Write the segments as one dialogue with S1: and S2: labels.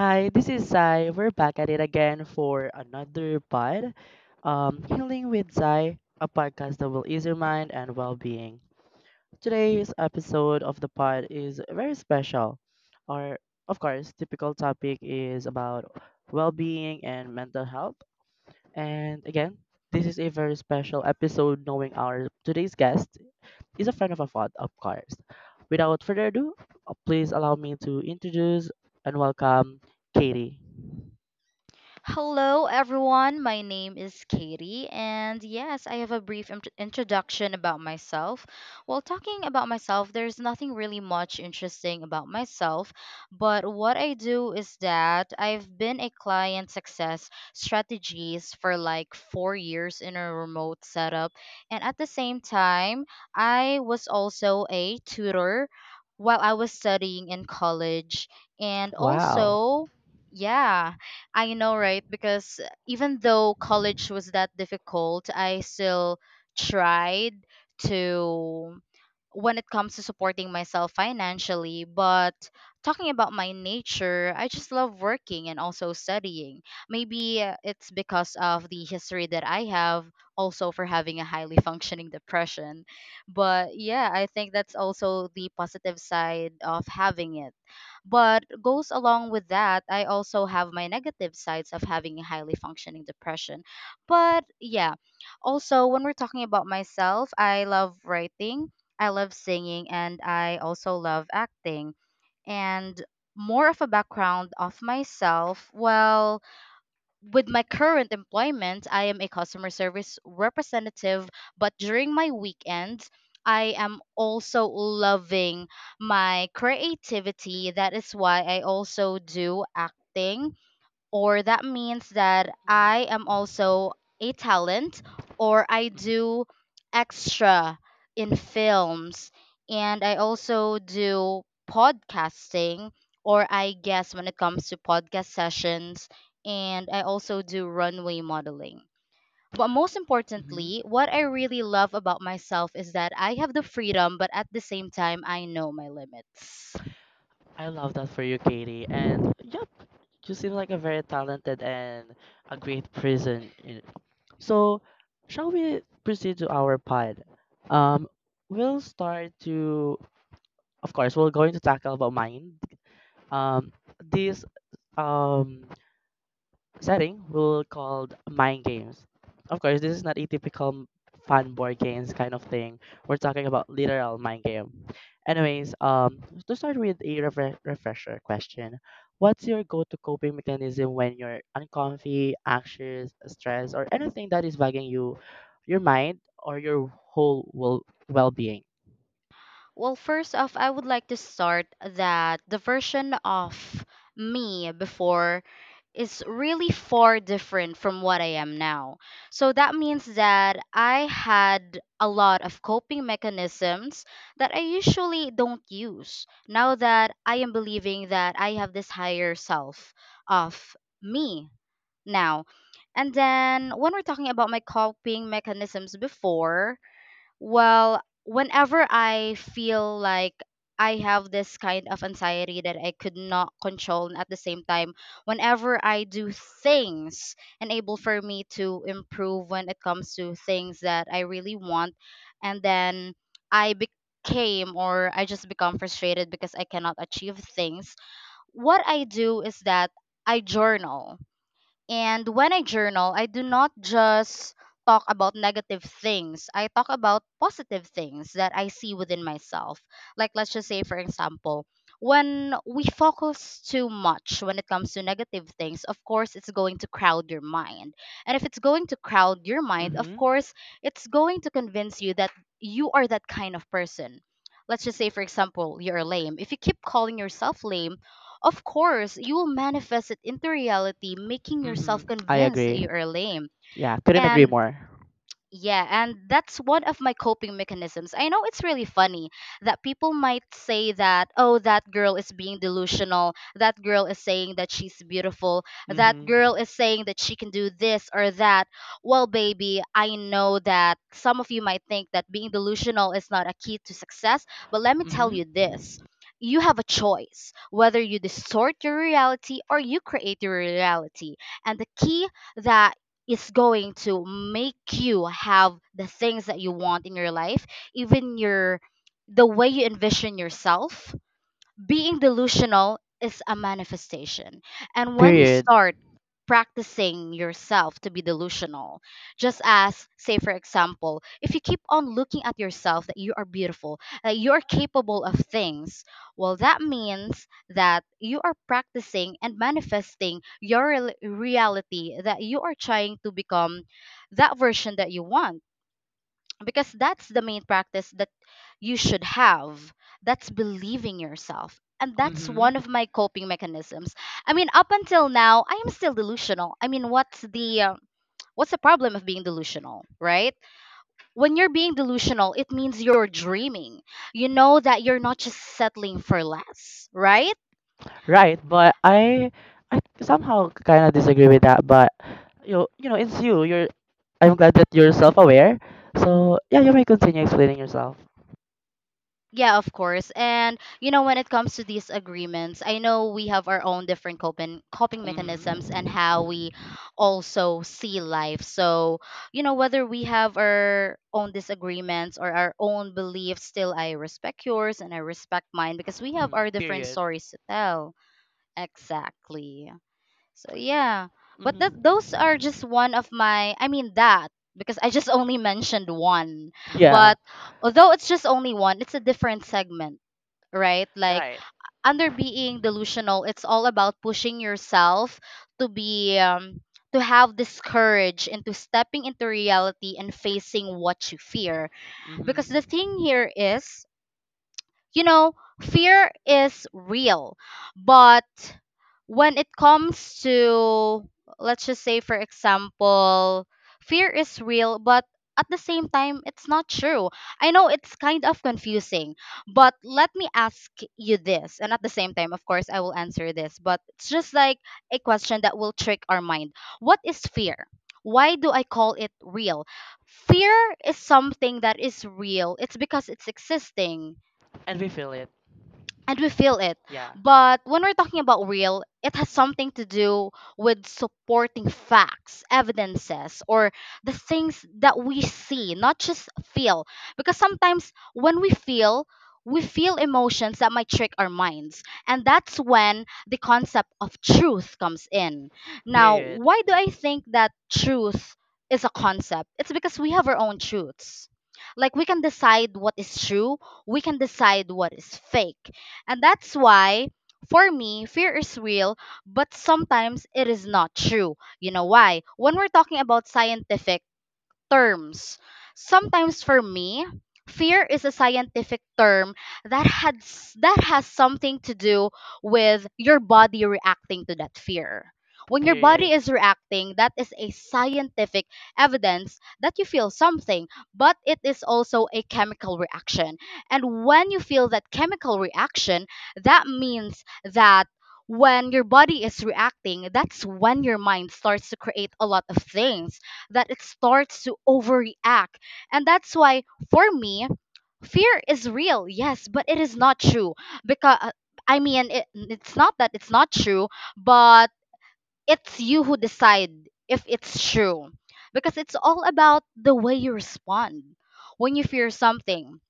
S1: Hi, this is Zai. We're back at it again for another pod. Healing with Zai, a podcast that will ease your mind and well being. Today's episode of the pod is very special. Our, of course, typical topic is about well being and mental health. And again, this is a very special episode knowing our today's guest is a friend of a pod, of course. Without further ado, please allow me to introduce and welcome Katie.
S2: Hello, everyone. My name is Katie, and yes, I have a brief introduction about myself. While talking about myself, there's nothing really much interesting about myself, but what I do is that I've been a client success strategist for like 4 years in a remote setup, and at the same time, I was also a tutor while I was studying in college, and
S1: Wow.
S2: also, yeah. I know, right? Because even though college was that difficult, I still tried to when it comes to supporting myself financially. But talking about my nature, I just love working and also studying. Maybe it's because of the history that I have, also for having a highly functioning depression. But yeah, I think that's also the positive side of having it but goes along with that, I also have my negative sides of having a highly functioning depression. But yeah, also when we're talking about myself, I love writing, I love singing, and I also love acting. And more of a background of myself, well, with my current employment, I am a customer service representative, but during my weekends, I am also loving my creativity. That is why I also do acting or that means that I am also a talent or I do extra in films and I also do podcasting or I guess when it comes to podcast sessions and I also do runway modeling. But most
S1: Mm-hmm.
S2: importantly, what I really love about myself is that I have the freedom, but at the same time, I know my limits.
S1: I love that for you, Katie. And yep, you seem like a very talented and a great person. So, shall we proceed to our pod? Um, we'll start to, of course, we're going to tackle about mind. Um, this um setting will called Mind Games. Of course, this is not a typical fun board games kind of thing. We're talking about literal mind game. Anyways, to start with a refresher question, what's your go-to coping mechanism when you're uncomfy, anxious, stressed, or anything that is bugging you, your mind, or your whole well-being?
S2: Well, first off, I would like to start that the version of me before is really far different from what I am now. So that means that I had a lot of coping mechanisms that I usually don't use. Now that I am believing that I have this higher self of me now. And then when we're talking about my coping mechanisms before, well, whenever I feel like I have this kind of anxiety that I could not control, and at the same time, whenever I do things enable for me to improve when it comes to things that I really want, and then I became or I just become frustrated because I cannot achieve things. What I do is that I journal and when I journal, I do not just talk about negative things. I talk about positive things that I see within myself. Like let's just say for example, when we focus too much when it comes to negative things, of course it's going to crowd your mind. And if it's going to crowd your mind, of
S1: Mm-hmm.
S2: course it's going to convince you that you are that kind of person. Let's just say for example, you're lame. If you keep calling yourself lame, of course, you will manifest it into reality, making
S1: Mm-hmm.
S2: yourself
S1: I
S2: convinced that
S1: agree.
S2: you are lame.
S1: Yeah, couldn't agree
S2: And
S1: more.
S2: yeah, and that's one of my coping mechanisms. I know it's really funny that people might say that, oh, that girl is being delusional. That girl is saying that she's beautiful. That
S1: Mm-hmm.
S2: girl is saying that she can do this or that. Well, baby, I know that some of you might think that being delusional is not a key to success, but let me tell
S1: Mm-hmm.
S2: you this. You have a choice whether you distort your reality or you create your reality. And the key that is going to make you have the things that you want in your life even your the way you envision yourself being delusional is a manifestation. And when you
S1: Period.
S2: start practicing yourself to be delusional, just as, say, for example, if you keep on looking at yourself that you are beautiful, that you are capable of things, well, that means that you are practicing and manifesting your reality that you are trying to become that version that you want because that's the main practice that you should have that's believing yourself and that's
S1: Mm-hmm.
S2: one of my coping mechanisms. I mean up until now I am still delusional. I mean what's the problem of being delusional, right? When you're being delusional it means you're dreaming, you know that you're not just settling for less, right?
S1: Right, but I somehow kind of disagree with that, but you know, it's you. You're I'm glad that you're self-aware. So, yeah, you may continue explaining yourself.
S2: Yeah, of course. And you know, when it comes to these agreements, I know we have our own different coping mechanisms and
S1: Mm-hmm.
S2: how we
S1: Mm-hmm.
S2: also see life. So, you know, whether we have our own disagreements or our own beliefs, still I respect yours and I respect mine because we
S1: Mm-hmm.
S2: have our different
S1: Period.
S2: stories to tell. Exactly. So yeah, but that
S1: Hmm.
S2: those are just one of my. I mean that because I just only mentioned one,
S1: Yeah,
S2: but although it's just only one, it's a different segment, right? Like
S1: right.
S2: under being delusional, it's all about pushing yourself to be. To have this courage into stepping into reality and facing what you fear because the
S1: Hmm.
S2: thing here is you know, fear is real, but when it comes to, let's just say, for example, fear is real, but at the same time, it's not true. I know it's kind of confusing, but let me ask you this. And at the same time, of course, I will answer this, but it's just like a question that will trick our mind. What is fear? Why do I call it real? Fear is something that is real. It's because it's existing
S1: And we feel it.
S2: and we feel it.
S1: Yeah.
S2: But when we're talking about real, it has something to do with supporting facts, evidences, or the things that we see, not just feel. Because sometimes when we feel emotions that might trick our minds. And that's when the concept of truth comes in. Now,
S1: Period.
S2: why do I think that truth is a concept? It's because we have our own truths. Like, we can decide what is true, we can decide what is fake and that's why, for me, fear is real, but sometimes it is not true. You know why? When we're talking about scientific, terms. Sometimes for me, fear is a scientific term that that has something to do with your body reacting to that fear. When your body
S1: Period.
S2: is reacting, that is a scientific evidence that you feel something, but it is also a chemical reaction. And when you feel that chemical reaction, that means that when your body is reacting, that's when your mind starts to create a lot of things that it starts to overreact. And that's why, for me, fear is real, yes, but it is not true. Because, I mean, it's not that it's not true, but it's you who decide if it's true. Because it's all about the way you respond when you fear something.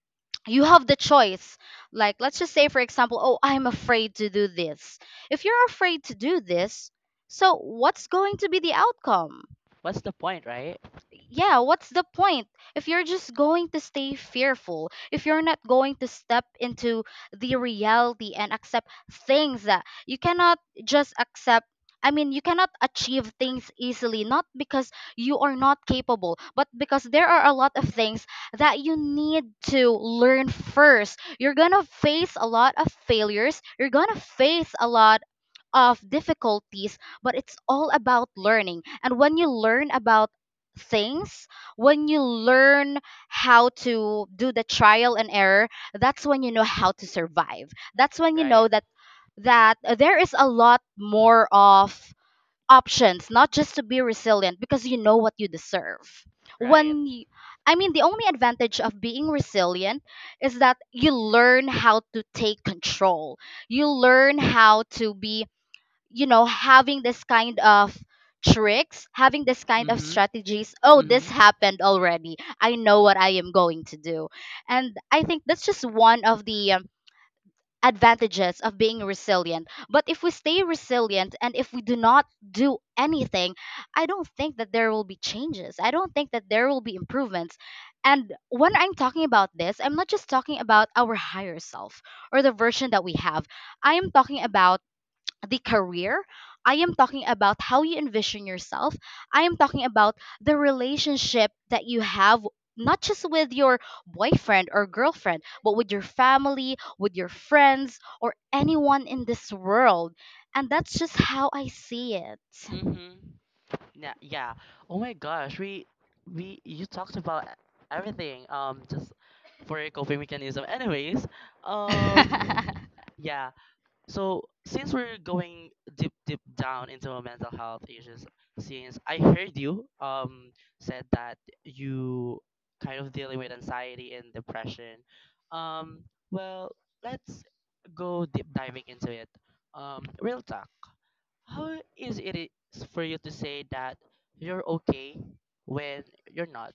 S2: You have the choice. Like, let's just say, for example, oh, I'm afraid to do this. If you're afraid to do this, so what's going to be the outcome?
S1: What's the point, right?
S2: Yeah, what's the point if you're just going to stay fearful, if you're not going to step into the reality and accept things that you cannot just accept? I mean, you cannot achieve things easily, not because you are not capable, but because there are a lot of things that you need to learn first. You're gonna face a lot of failures, you're gonna face a lot of difficulties, but it's all about learning. And when you learn about things, when you learn how to do the trial and error, that's when you know how to survive. That's when you know
S1: Right.
S2: that there is a lot more of options, not just to be resilient because you know what you deserve.
S1: Right.
S2: When you, I mean, the only advantage of being resilient is that you learn how to take control. You learn how to be you know having this kind of tricks having this kind of
S1: Mm-hmm.
S2: strategies oh
S1: Mm-hmm.
S2: this happened already I know what I am going to do and I think that's just one of the advantages of being resilient but if we stay resilient and if we do not do anything I don't think that there will be changes I don't think that there will be improvements and when I'm talking about this I'm not just talking about our higher self or the version that we have I am talking about the career. I am talking about how you envision yourself. I am talking about the relationship that you have, not just with your boyfriend or girlfriend, but with your family, with your friends, or anyone in this world. And that's just how I see it.
S1: Mm-hmm. Yeah. Yeah. Oh my gosh, we you talked about everything. Just for a coping mechanism. Anyways, um, yeah. So since we're going deep deep down into our mental health issues, since I heard you said that you kind of dealing with anxiety and depression, um well let's go deep diving into it. Real talk. How is it is for you to say that you're okay when you're not?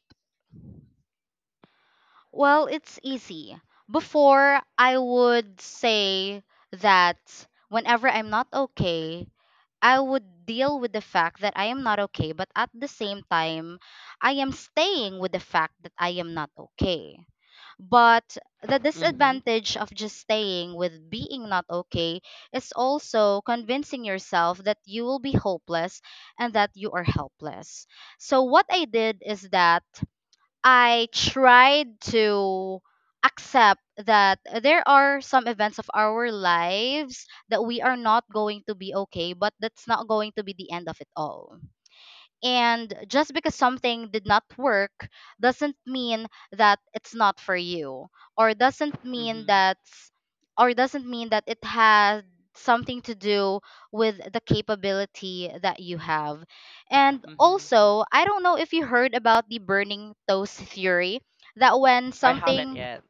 S2: Well, it's easy. Before, I would say that whenever I'm not okay, I would deal with the fact that I am not okay, but at the same time, I am staying with the fact that I am not okay. But the
S1: Mm-hmm.
S2: disadvantage of just staying with being not okay is also convincing yourself that you will be hopeless and that you are helpless. So, what I did is that I tried to accept that there are some events of our lives that we are not going to be okay, but that's not going to be the end of it all. And just because something did not work doesn't mean that it's not for you or doesn't mean
S1: Mm-hmm.
S2: that or doesn't mean that it has something to do with the capability that you have. And
S1: Mm-hmm.
S2: also, I don't know if you heard about the burning toast theory that when
S1: I haven't
S2: something,
S1: yet.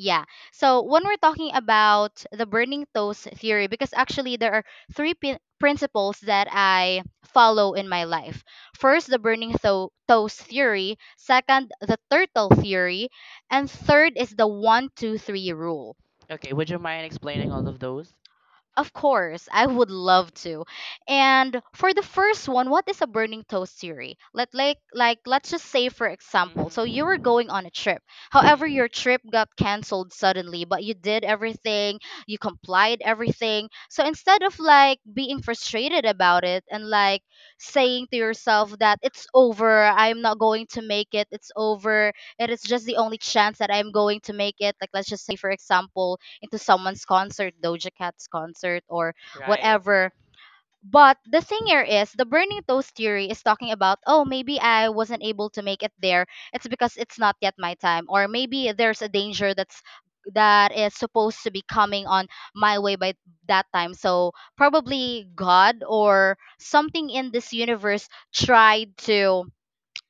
S2: yeah. So when we're talking about the burning toast theory, because actually there are three principles that I follow in my life. First, the burning toast theory. Second, the turtle theory. And third is the one, two, three rule.
S1: Okay, would you mind explaining all of those?
S2: Of course, I would love to. And for the first one, what is a burning toast theory? Let's just say, for example, so you were
S1: Mm-hmm.
S2: going on a trip. However,
S1: Mm-hmm.
S2: your trip got canceled suddenly, but you did everything, you complied everything. So instead of like being frustrated about it and like saying to yourself that it's over, I'm not going to make it, it's over, it is just the only chance that I'm going to make it. Like let's just say, for example, into someone's concert, Doja Cat's concert, or
S1: Right.
S2: whatever. But the thing here is the burning toast theory is talking about, oh, maybe I wasn't able to make it there. It's because it's not yet my time. Or maybe there's a danger that is supposed to be coming on my way by that time. So probably God or something in this universe tried to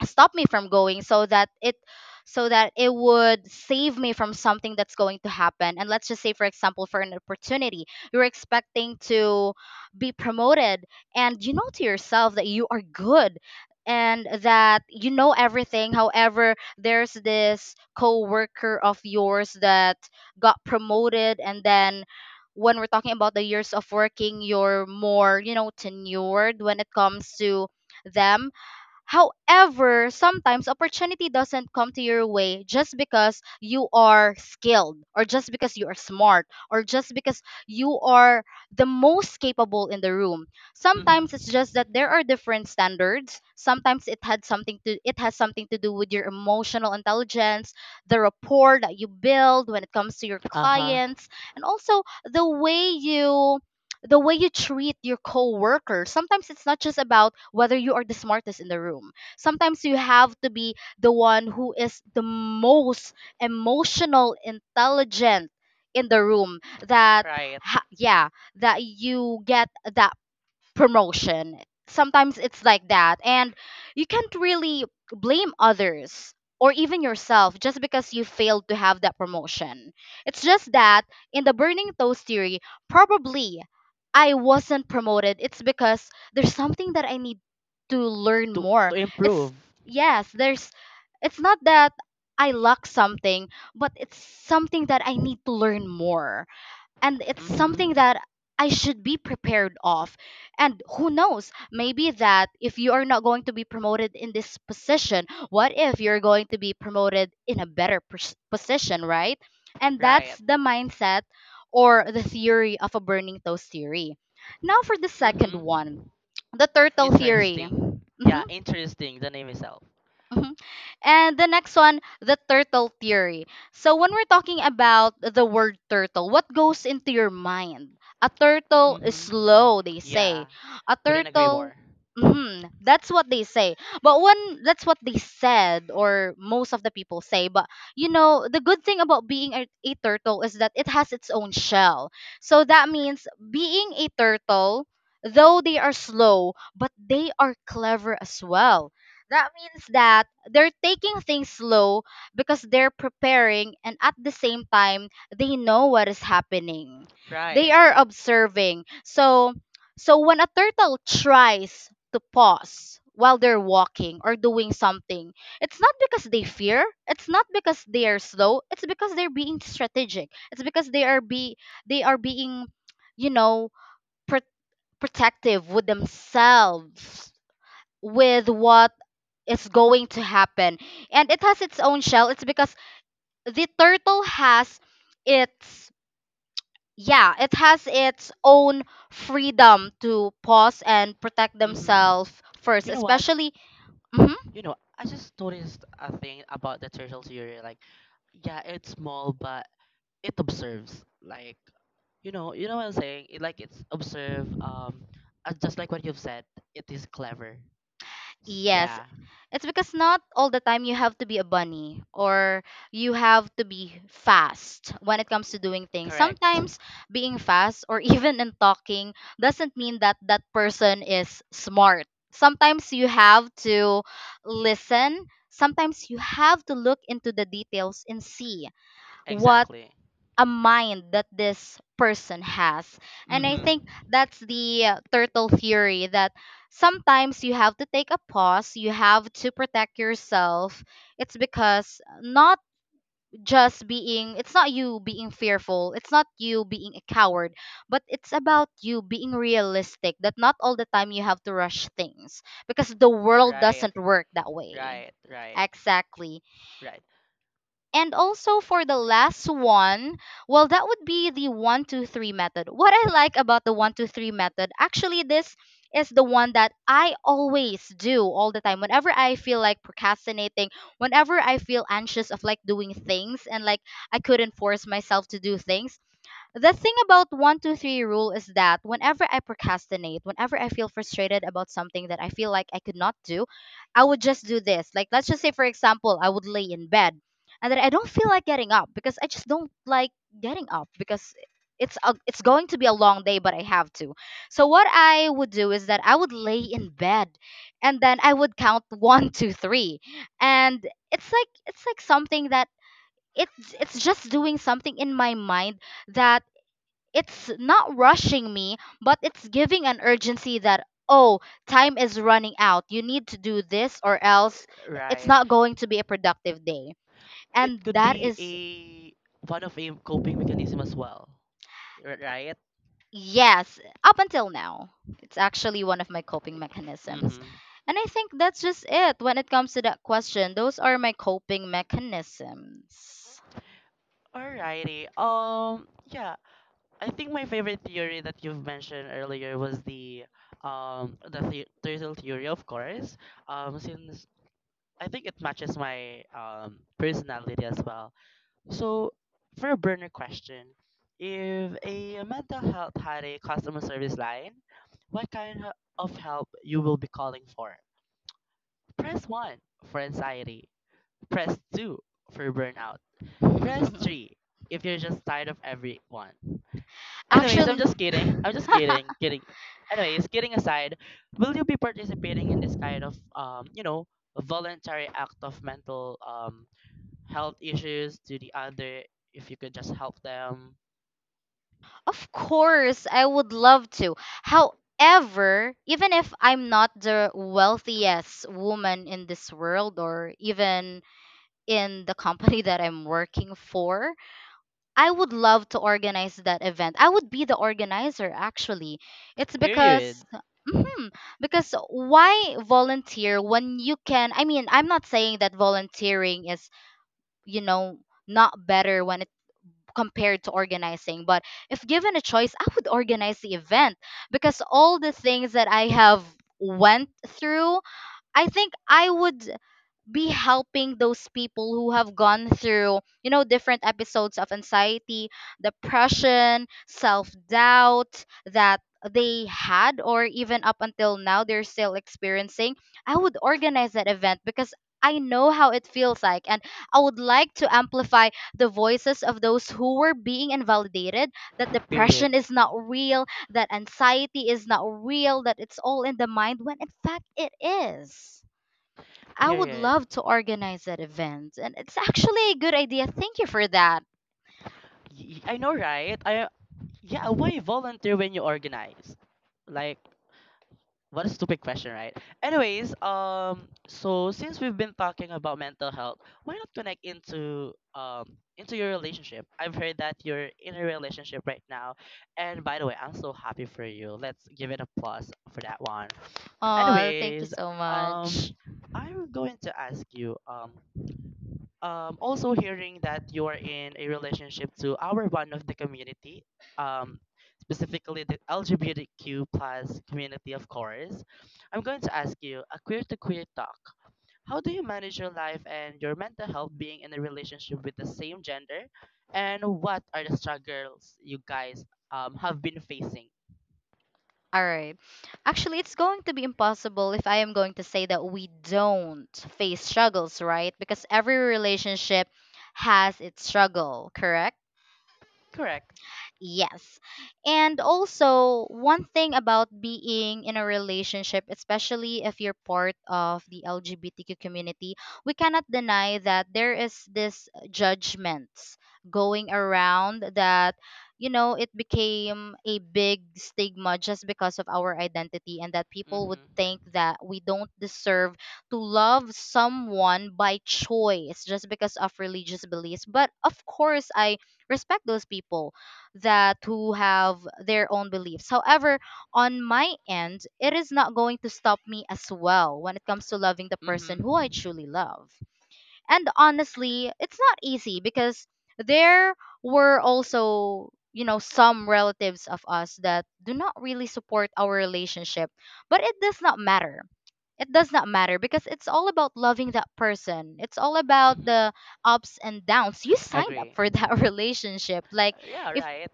S2: stop me from going so that it would save me from something that's going to happen. And let's just say, for example, for an opportunity, you're expecting to be promoted and you know to yourself that you are good and that you know everything. However, there's this co-worker of yours that got promoted. And then when we're talking about the years of working, you're more, you know, tenured when it comes to them. However, sometimes opportunity doesn't come to your way just because you are skilled or just because you are smart or just because you are the most capable in the room. Sometimes it's
S1: Mm-hmm.
S2: just that there are different standards. Sometimes it has something to do with your emotional intelligence, the rapport that you build when it comes to your
S1: Uh-huh.
S2: clients, and also the way you treat your coworkers. Sometimes it's not just about whether you are the smartest in the room. Sometimes you have to be the one who is the most emotional, intelligent in the room that
S1: Right.
S2: yeah, that you get that promotion. Sometimes it's like that. And you can't really blame others or even yourself just because you failed to have that promotion. It's just that in the burning toast theory, probably I wasn't promoted. It's because there's something that I need to learn
S1: To
S2: more.
S1: to
S2: It's
S1: improve.
S2: Yes, there's it's not that I lack something, but it's something that I need to learn more, and it's something
S1: Mm-hmm.
S2: that I should be prepared of. And who knows, maybe that if you are not going to be promoted in this position, what if you're going to be promoted in a better position, right? And that's
S1: Right.
S2: the mindset or the theory of a burning toast theory. Now for the second one,
S1: Mm-hmm.
S2: the turtle theory.
S1: Interesting. Yeah,
S2: hmm
S1: interesting. The name itself.
S2: and the next one, the turtle theory. So when we're talking about the word turtle, what goes into your mind? A turtle is
S1: Mm-hmm.
S2: slow, they
S1: Yeah.
S2: say. A
S1: Couldn't agree
S2: turtle,
S1: more.
S2: mhm, that's what they say. But when that's what they said or most of the people say, but the good thing about being a turtle is that it has its own shell. So that means being a turtle, though they are slow, but they are clever as well. That means that they're taking things slow because they're preparing, and at the same time they know what is happening, they
S1: Right.
S2: are observing. So when a turtle tries to pause while they're walking or doing something, it's not because they fear, it's not because they are slow, it's because they're being strategic, it's because they are being you know pr- protective with themselves with what is going to happen. And it has its own shell. It's because the turtle has its yeah, it has its own freedom to pause and protect
S1: Mm-hmm.
S2: themselves first,
S1: You know what?
S2: especially. Mhm.
S1: You know, I just noticed a thing about the turtle theory. Like, yeah, it's small, but it observes. Like, you know what I'm saying? It, like, it's observe. Just like what you've said, it is clever.
S2: Yes,
S1: Yeah,
S2: it's because not all the time you have to be a bunny or you have to be fast when it comes to doing things.
S1: correct.
S2: Sometimes being fast or even in talking doesn't mean that that person is smart. Sometimes you have to listen. Sometimes you have to look into the details and see what
S1: Exactly.
S2: a mind that this person has. And I
S1: Mm-hmm.
S2: think that's the turtle theory, that sometimes you have to take a pause, you have to protect yourself. It's because not just being, it's not you being fearful, it's not you being a coward, but it's about you being realistic that not all the time you have to rush things because the world
S1: Right,
S2: doesn't work that way.
S1: right, right,
S2: Exactly.
S1: right,
S2: And also for the last one, well, that would be the one, two, three method. What I like about the one, two, three method, actually, this is the one that I always do all the time. Whenever I feel like procrastinating, whenever I feel anxious of like doing things and like I couldn't force myself to do things, the thing about 123 rule is that whenever I procrastinate, whenever I feel frustrated about something that I feel like I could not do, I would just do this. Like let's just say, for example, I would lay in bed and then I don't feel like getting up because I just don't like getting up because it's going to be a long day but I have to. So what I would do is that I would lay in bed and then I would count one, two, three. And it's like something that it's just doing something in my mind that it's not rushing me, but it's giving an urgency that, oh, time is running out. You need to do this or else it's
S1: right.
S2: not going to be a productive day.
S1: It
S2: And
S1: could
S2: that
S1: be
S2: is,
S1: a one of a coping mechanism as well. Right?
S2: yes, up until now, it's actually one of my coping mechanisms.
S1: Mm-hmm.
S2: And I think that's just it when it comes to that question. Those are my coping mechanisms.
S1: Alrighty. Yeah. I think my favorite theory that you've mentioned earlier was the, turtle theory of course. Since I think it matches my personality as well. So, for a burner question, if a mental health had a customer service line, what kind of help you will be calling for? Press 1 for anxiety. Press 2 for burnout. Press 3 if you're just tired of everyone. Anyways, I'm
S2: Actually,
S1: just kidding. I'm just kidding. Kidding. Anyways, kidding aside, will you be participating in this kind of you know, voluntary act of mental health issues to the other if you could just help them.
S2: of course, I would love to. However, even if I'm not the wealthiest woman in this world or even in the company that I'm working for, I would love to organize that event. I would be the organizer actually. It's
S1: Period.
S2: because Mhm. because Why volunteer when you can, I mean, I'm not saying that volunteering is, you know, not better when compared to organizing. But if given a choice, I would organize the event because all the things that I have went through, I think I would be helping those people who have gone through different episodes of anxiety, depression, self-doubt that they had, or even up until now they're still experiencing. I would organize that event because I know how it feels like, and I would like to amplify the voices of those who were being invalidated, that
S1: Period.
S2: depression is not real, that anxiety is not real, that it's all in the mind, when in fact it is. I would
S1: Period.
S2: love to organize that event. And it's actually a good idea. Thank you for that.
S1: I know, right? I yeah. Why volunteer when you organize? Like, what a stupid question, right? Anyways, so since we've been talking about mental health, why not connect into your relationship? I've heard that you're in a relationship right now, and by the way, I'm so happy for you. Let's give it a plus for that one.
S2: Oh, thank you
S1: Anyways,
S2: so
S1: um,
S2: much.
S1: I'm going to ask you, also hearing that you are in a relationship to our one of the community, um, specifically the LGBTQ plus community, of course, I'm going to ask you a queer to queer talk. How do you manage your life and your mental health being in a relationship with the same gender? And what are the struggles you guys have been facing?
S2: All right. Actually, it's going to be impossible if I am going to say that we don't face struggles, right? Because every relationship has its struggle, correct?
S1: Correct.
S2: Yes. And also, one thing about being in a relationship, especially if you're part of the LGBTQ community, we cannot deny that there is this judgments going around, that it became a big stigma just because of our identity, and that people would
S1: Mm-hmm.
S2: think that we don't deserve to love someone by choice just because of religious beliefs. But of course, I respect those people that who have their own beliefs. However, on my end, it is not going to stop me as well when it comes to loving the person who I
S1: Mm-hmm.
S2: truly love. And honestly, it's not easy because there were also, some relatives of us that do not really support our relationship, but it does not matter. It does not matter because it's all about loving that person. It's all about
S1: Mm-hmm.
S2: the ups and downs. You signed up
S1: Agree.
S2: for that relationship. Like,
S1: Yeah,
S2: if
S1: right.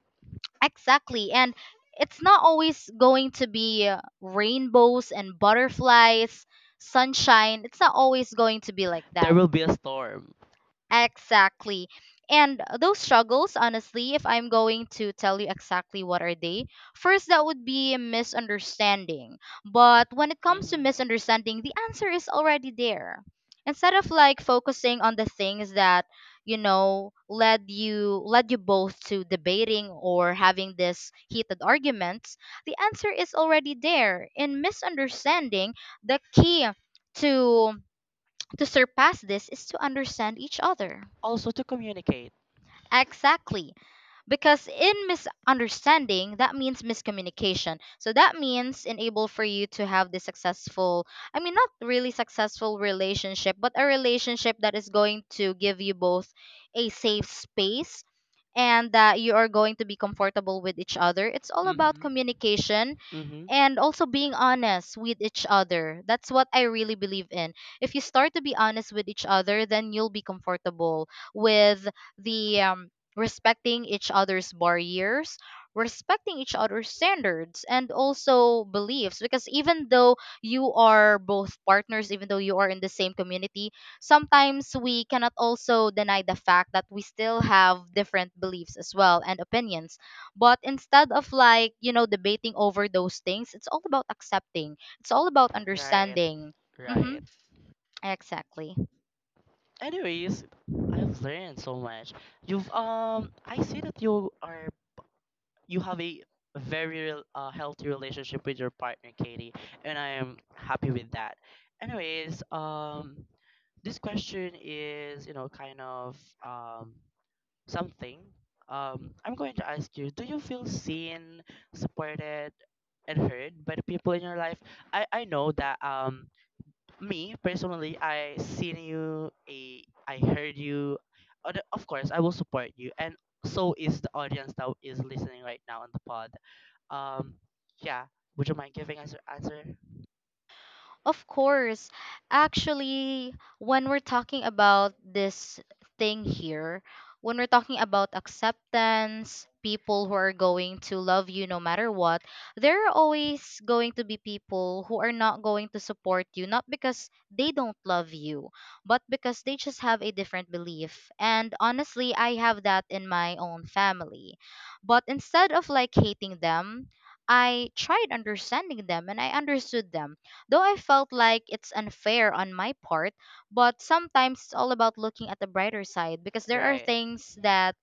S2: Exactly. And it's not always going to be rainbows and butterflies, sunshine. It's not always going to be like
S1: There
S2: that.
S1: will be a storm.
S2: Exactly. And those struggles, honestly, if I'm going to tell you exactly what are they, first that would be a misunderstanding. But when it comes to
S1: Mm-hmm.
S2: misunderstanding, the answer is already there. Instead of like focusing on the things that, you know, led you both to debating or having this heated arguments, the answer is already there. In misunderstanding, the key to to surpass this is to understand each other.
S1: Also to communicate.
S2: Exactly. Because in misunderstanding, that means miscommunication. So that means enable for you to have the successful, not really successful relationship, but a relationship that is going to give you both a safe space and that you are going to be comfortable with each other. It's all about
S1: Mhm.
S2: communication
S1: Mhm.
S2: and also being honest with each other. That's what I really believe in. If you start to be honest with each other, then you'll be comfortable with the respecting each other's barriers, respecting each other's standards, and also beliefs. Because even though you are both partners, even though you are in the same community, sometimes we cannot also deny the fact that we still have different beliefs as well and opinions, but instead of like, you know, debating over those things, it's all about accepting. It's all about
S1: Right.
S2: understanding.
S1: Right.
S2: Mm-hmm. Exactly.
S1: Anyways, I've learned so much. You've I see that you are you have a very healthy relationship with your partner, Katie, and I am happy with that. Anyways, this question is you know kind of um something. I'm going to ask you: do you feel seen, supported, and heard by the people in your life? I know that me personally I seen you a I heard you. Other, of course I will support you and so is the audience that is listening right now on the pod um yeah would you mind giving us your answer
S2: Of course. Actually, when we're talking about this thing here, when we're talking about acceptance, people who are going to love you no matter what, there are always going to be people who are not going to support you, not because they don't love you, but because they just have a different belief. And honestly, I have that in my own family. But instead of like hating them, I tried understanding them and I understood them. Though I felt like it's unfair on my part, but sometimes it's all about looking at the brighter side because there are
S1: right
S2: things that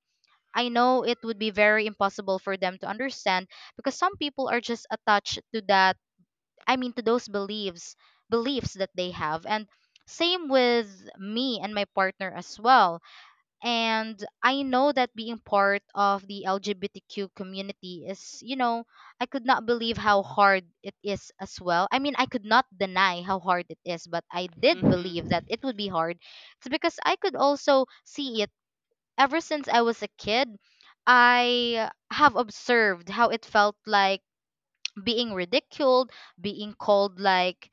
S2: I know it would be very impossible for them to understand because some people are just attached to that, I mean to those beliefs, beliefs that they have. And same with me and my partner as well, and I know that being part of the LGBTQ community is, you know, I could not believe how hard it is as well. I mean, I could not deny how hard it is, but I did
S1: mm-hmm
S2: believe that it would be hard. It's because I could also see it ever since I was a kid. I have observed how it felt like being ridiculed, being called like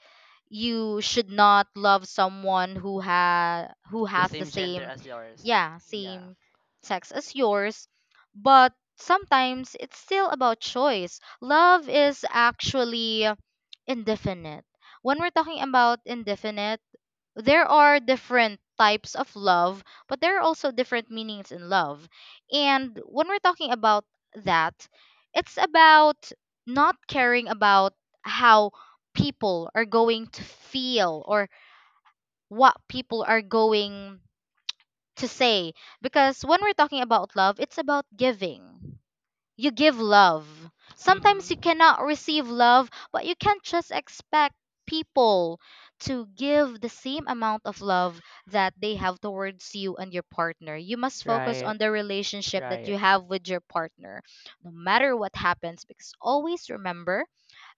S2: you should not love someone who ha who
S1: the
S2: has the
S1: same gender
S2: same,
S1: as yours
S2: yeah,
S1: yeah
S2: same sex as yours. But sometimes it's still about choice. Love is actually indefinite. When we're talking about indefinite, there are different types of love, but there are also different meanings in love. And when we're talking about that, it's about not caring about how people are going to feel or what people are going to say. Because when we're talking about love, it's about giving. You give love.
S1: mm-hmm
S2: Sometimes you cannot receive love, but you can't just expect people to give the same amount of love that they have towards you and your partner. You must focus
S1: right
S2: on the relationship that
S1: right
S2: you have with your partner, no matter what happens, because always remember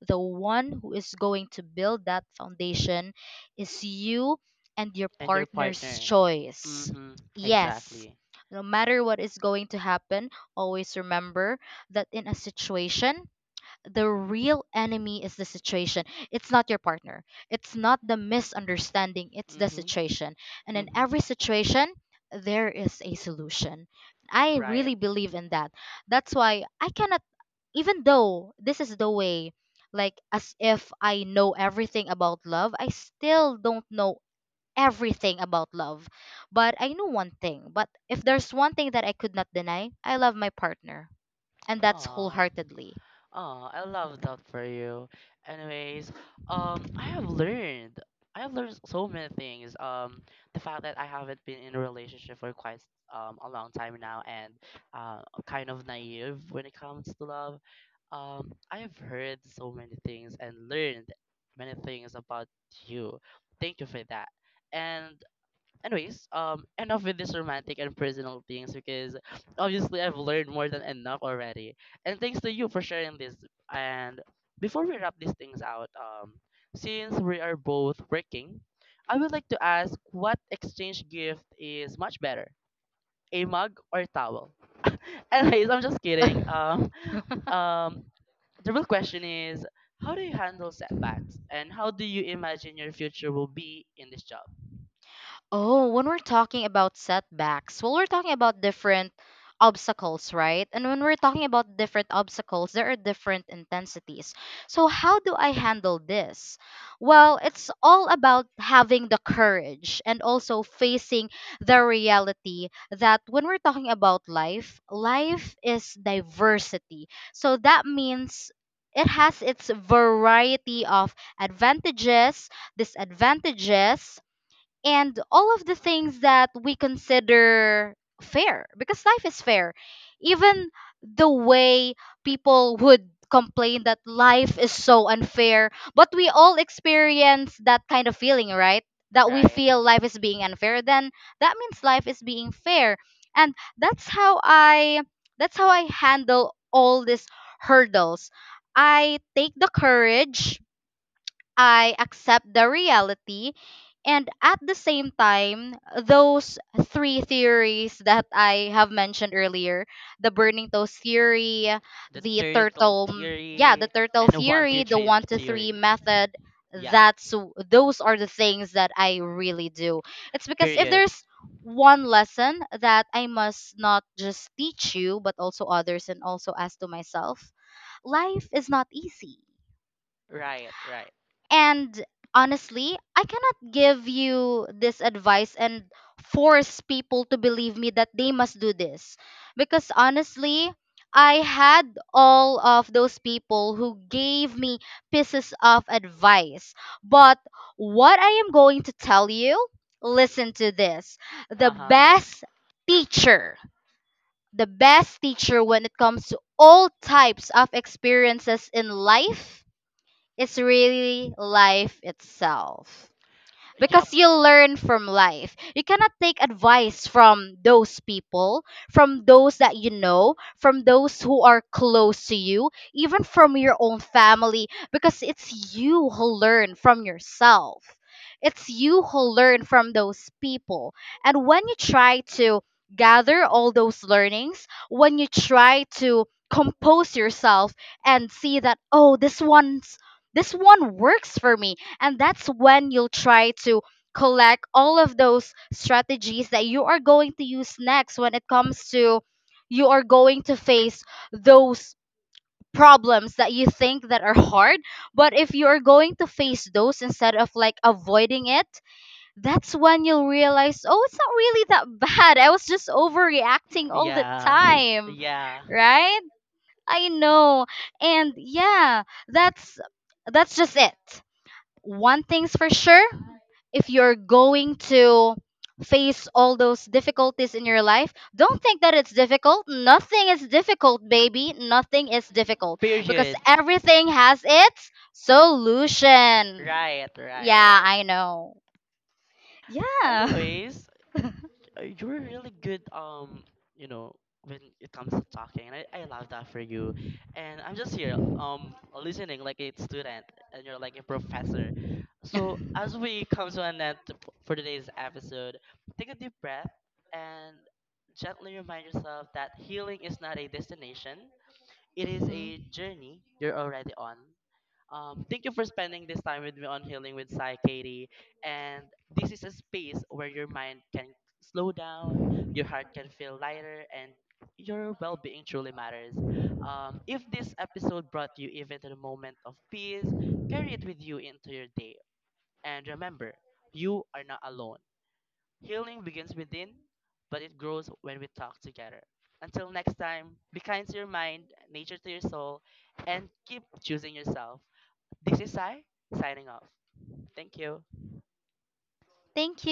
S2: the one who is going to build that foundation is you and your
S1: and your
S2: partner's
S1: partner
S2: choice.
S1: mm-hmm
S2: Yes,
S1: exactly
S2: no matter what is going to happen, always remember that in a situation, the real enemy is the situation. It's not your partner. It's not the misunderstanding. It's the
S1: mm-hmm
S2: situation. And in
S1: mm-hmm
S2: every situation, there is a solution. I
S1: right.
S2: really believe in that. That's why I cannot, even though this is the way, like as if I know everything about love, I still don't know everything about love. But I know one thing. But if there's one thing that I could not deny, I love my partner, and that's
S1: Aw.
S2: wholeheartedly.
S1: Oh, I love that for you. Anyways, I have learned. I have learned so many things. The fact that I haven't been in a relationship for quite a long time now, and kind of naive when it comes to love. I have heard so many things and learned many things about you. Thank you for that. And anyways, enough with this romantic and personal things because obviously I've learned more than enough already. And thanks to you for sharing this. And before we wrap these things out, since we are both working, I would like to ask what exchange gift is much better, a mug or towel? Anyways, I'm just kidding. Um, the real question is, how do you handle setbacks, and how do you imagine your future will be in this job?
S2: Oh, when we're talking about setbacks, well, we're talking about different obstacles, right? And when we're talking about different obstacles, there are different intensities. So, how do I handle this? Well, it's all about having the courage and also facing the reality that when we're talking about life, life is diversity. So, that means it has its variety of advantages, disadvantages, and all of the things that we consider fair because life is fair, even the way people would complain that life is so unfair. But we all experience that kind of feeling, right? That we
S1: Right.
S2: feel life is being unfair, then that means life is being fair. And that's how i that's how I handle all these hurdles. I take the courage, I accept the reality. And at the same time, those three theories that I have mentioned earlier, the burning toast theory,
S1: The
S2: the
S1: turtle
S2: turtle, yeah, the
S1: theory,
S2: turtle
S1: and the one, two,
S2: theory, the
S1: three
S2: one to three
S1: theory.
S2: method,
S1: Yeah,
S2: that's those are the things that I really do. It's because if
S1: period.
S2: there's one lesson that I must not just teach you, but also others and also as to myself, life is not easy.
S1: Right, right.
S2: And honestly, I cannot give you this advice and force people to believe me that they must do this. Because honestly, I had all of those people who gave me pieces of advice. But what I am going to tell you, listen to this. The
S1: Uh huh.
S2: best teacher, the best teacher when it comes to all types of experiences in life, it's really life itself
S1: Yup.
S2: because you'll learn from life. You cannot take advice from those people, from those that you know, from those who are close to you, even from your own family, because it's you who learn from yourself. It's you who learn from those people. And when you try to gather all those learnings, when you try to compose yourself and see that, oh, this one's this one works for me, and that's when you'll try to collect all of those strategies that you are going to use next when it comes to you are going to face those problems that you think that are hard. But if you are going to face those instead of like avoiding it, that's when you'll realize, oh, it's not really that bad. I was just overreacting all the
S1: Yeah.
S2: time,
S1: Yeah.
S2: right? I know. And yeah, that's that's just it. One thing's for sure, if you're going to face all those difficulties in your life, don't think that it's difficult. Nothing is difficult, baby. Nothing is difficult because
S1: Period.
S2: everything has its solution.
S1: Right,
S2: Yeah,
S1: right.
S2: I know. Yeah.
S1: Anyways, you're really good you know when it comes to talking and I love that for you and I'm just here listening like a student and you're like a professor. So as we come to an end for today's episode take a deep breath and gently remind yourself that healing is not a destination, it is
S2: Mhm.
S1: a journey you're already on. Thank you for spending this time with me on Healing with Psy, Katie. And this is a space where your mind can slow down, your heart can feel lighter, and your well being truly matters. If this episode brought you even to the moment of peace, carry it with you into your day. And remember, you are not alone. Healing begins within, but it grows when we talk together. Until next time, be kind to your mind, nature to your soul, and keep choosing yourself. This is Sai signing off. Thank you.
S2: Thank you.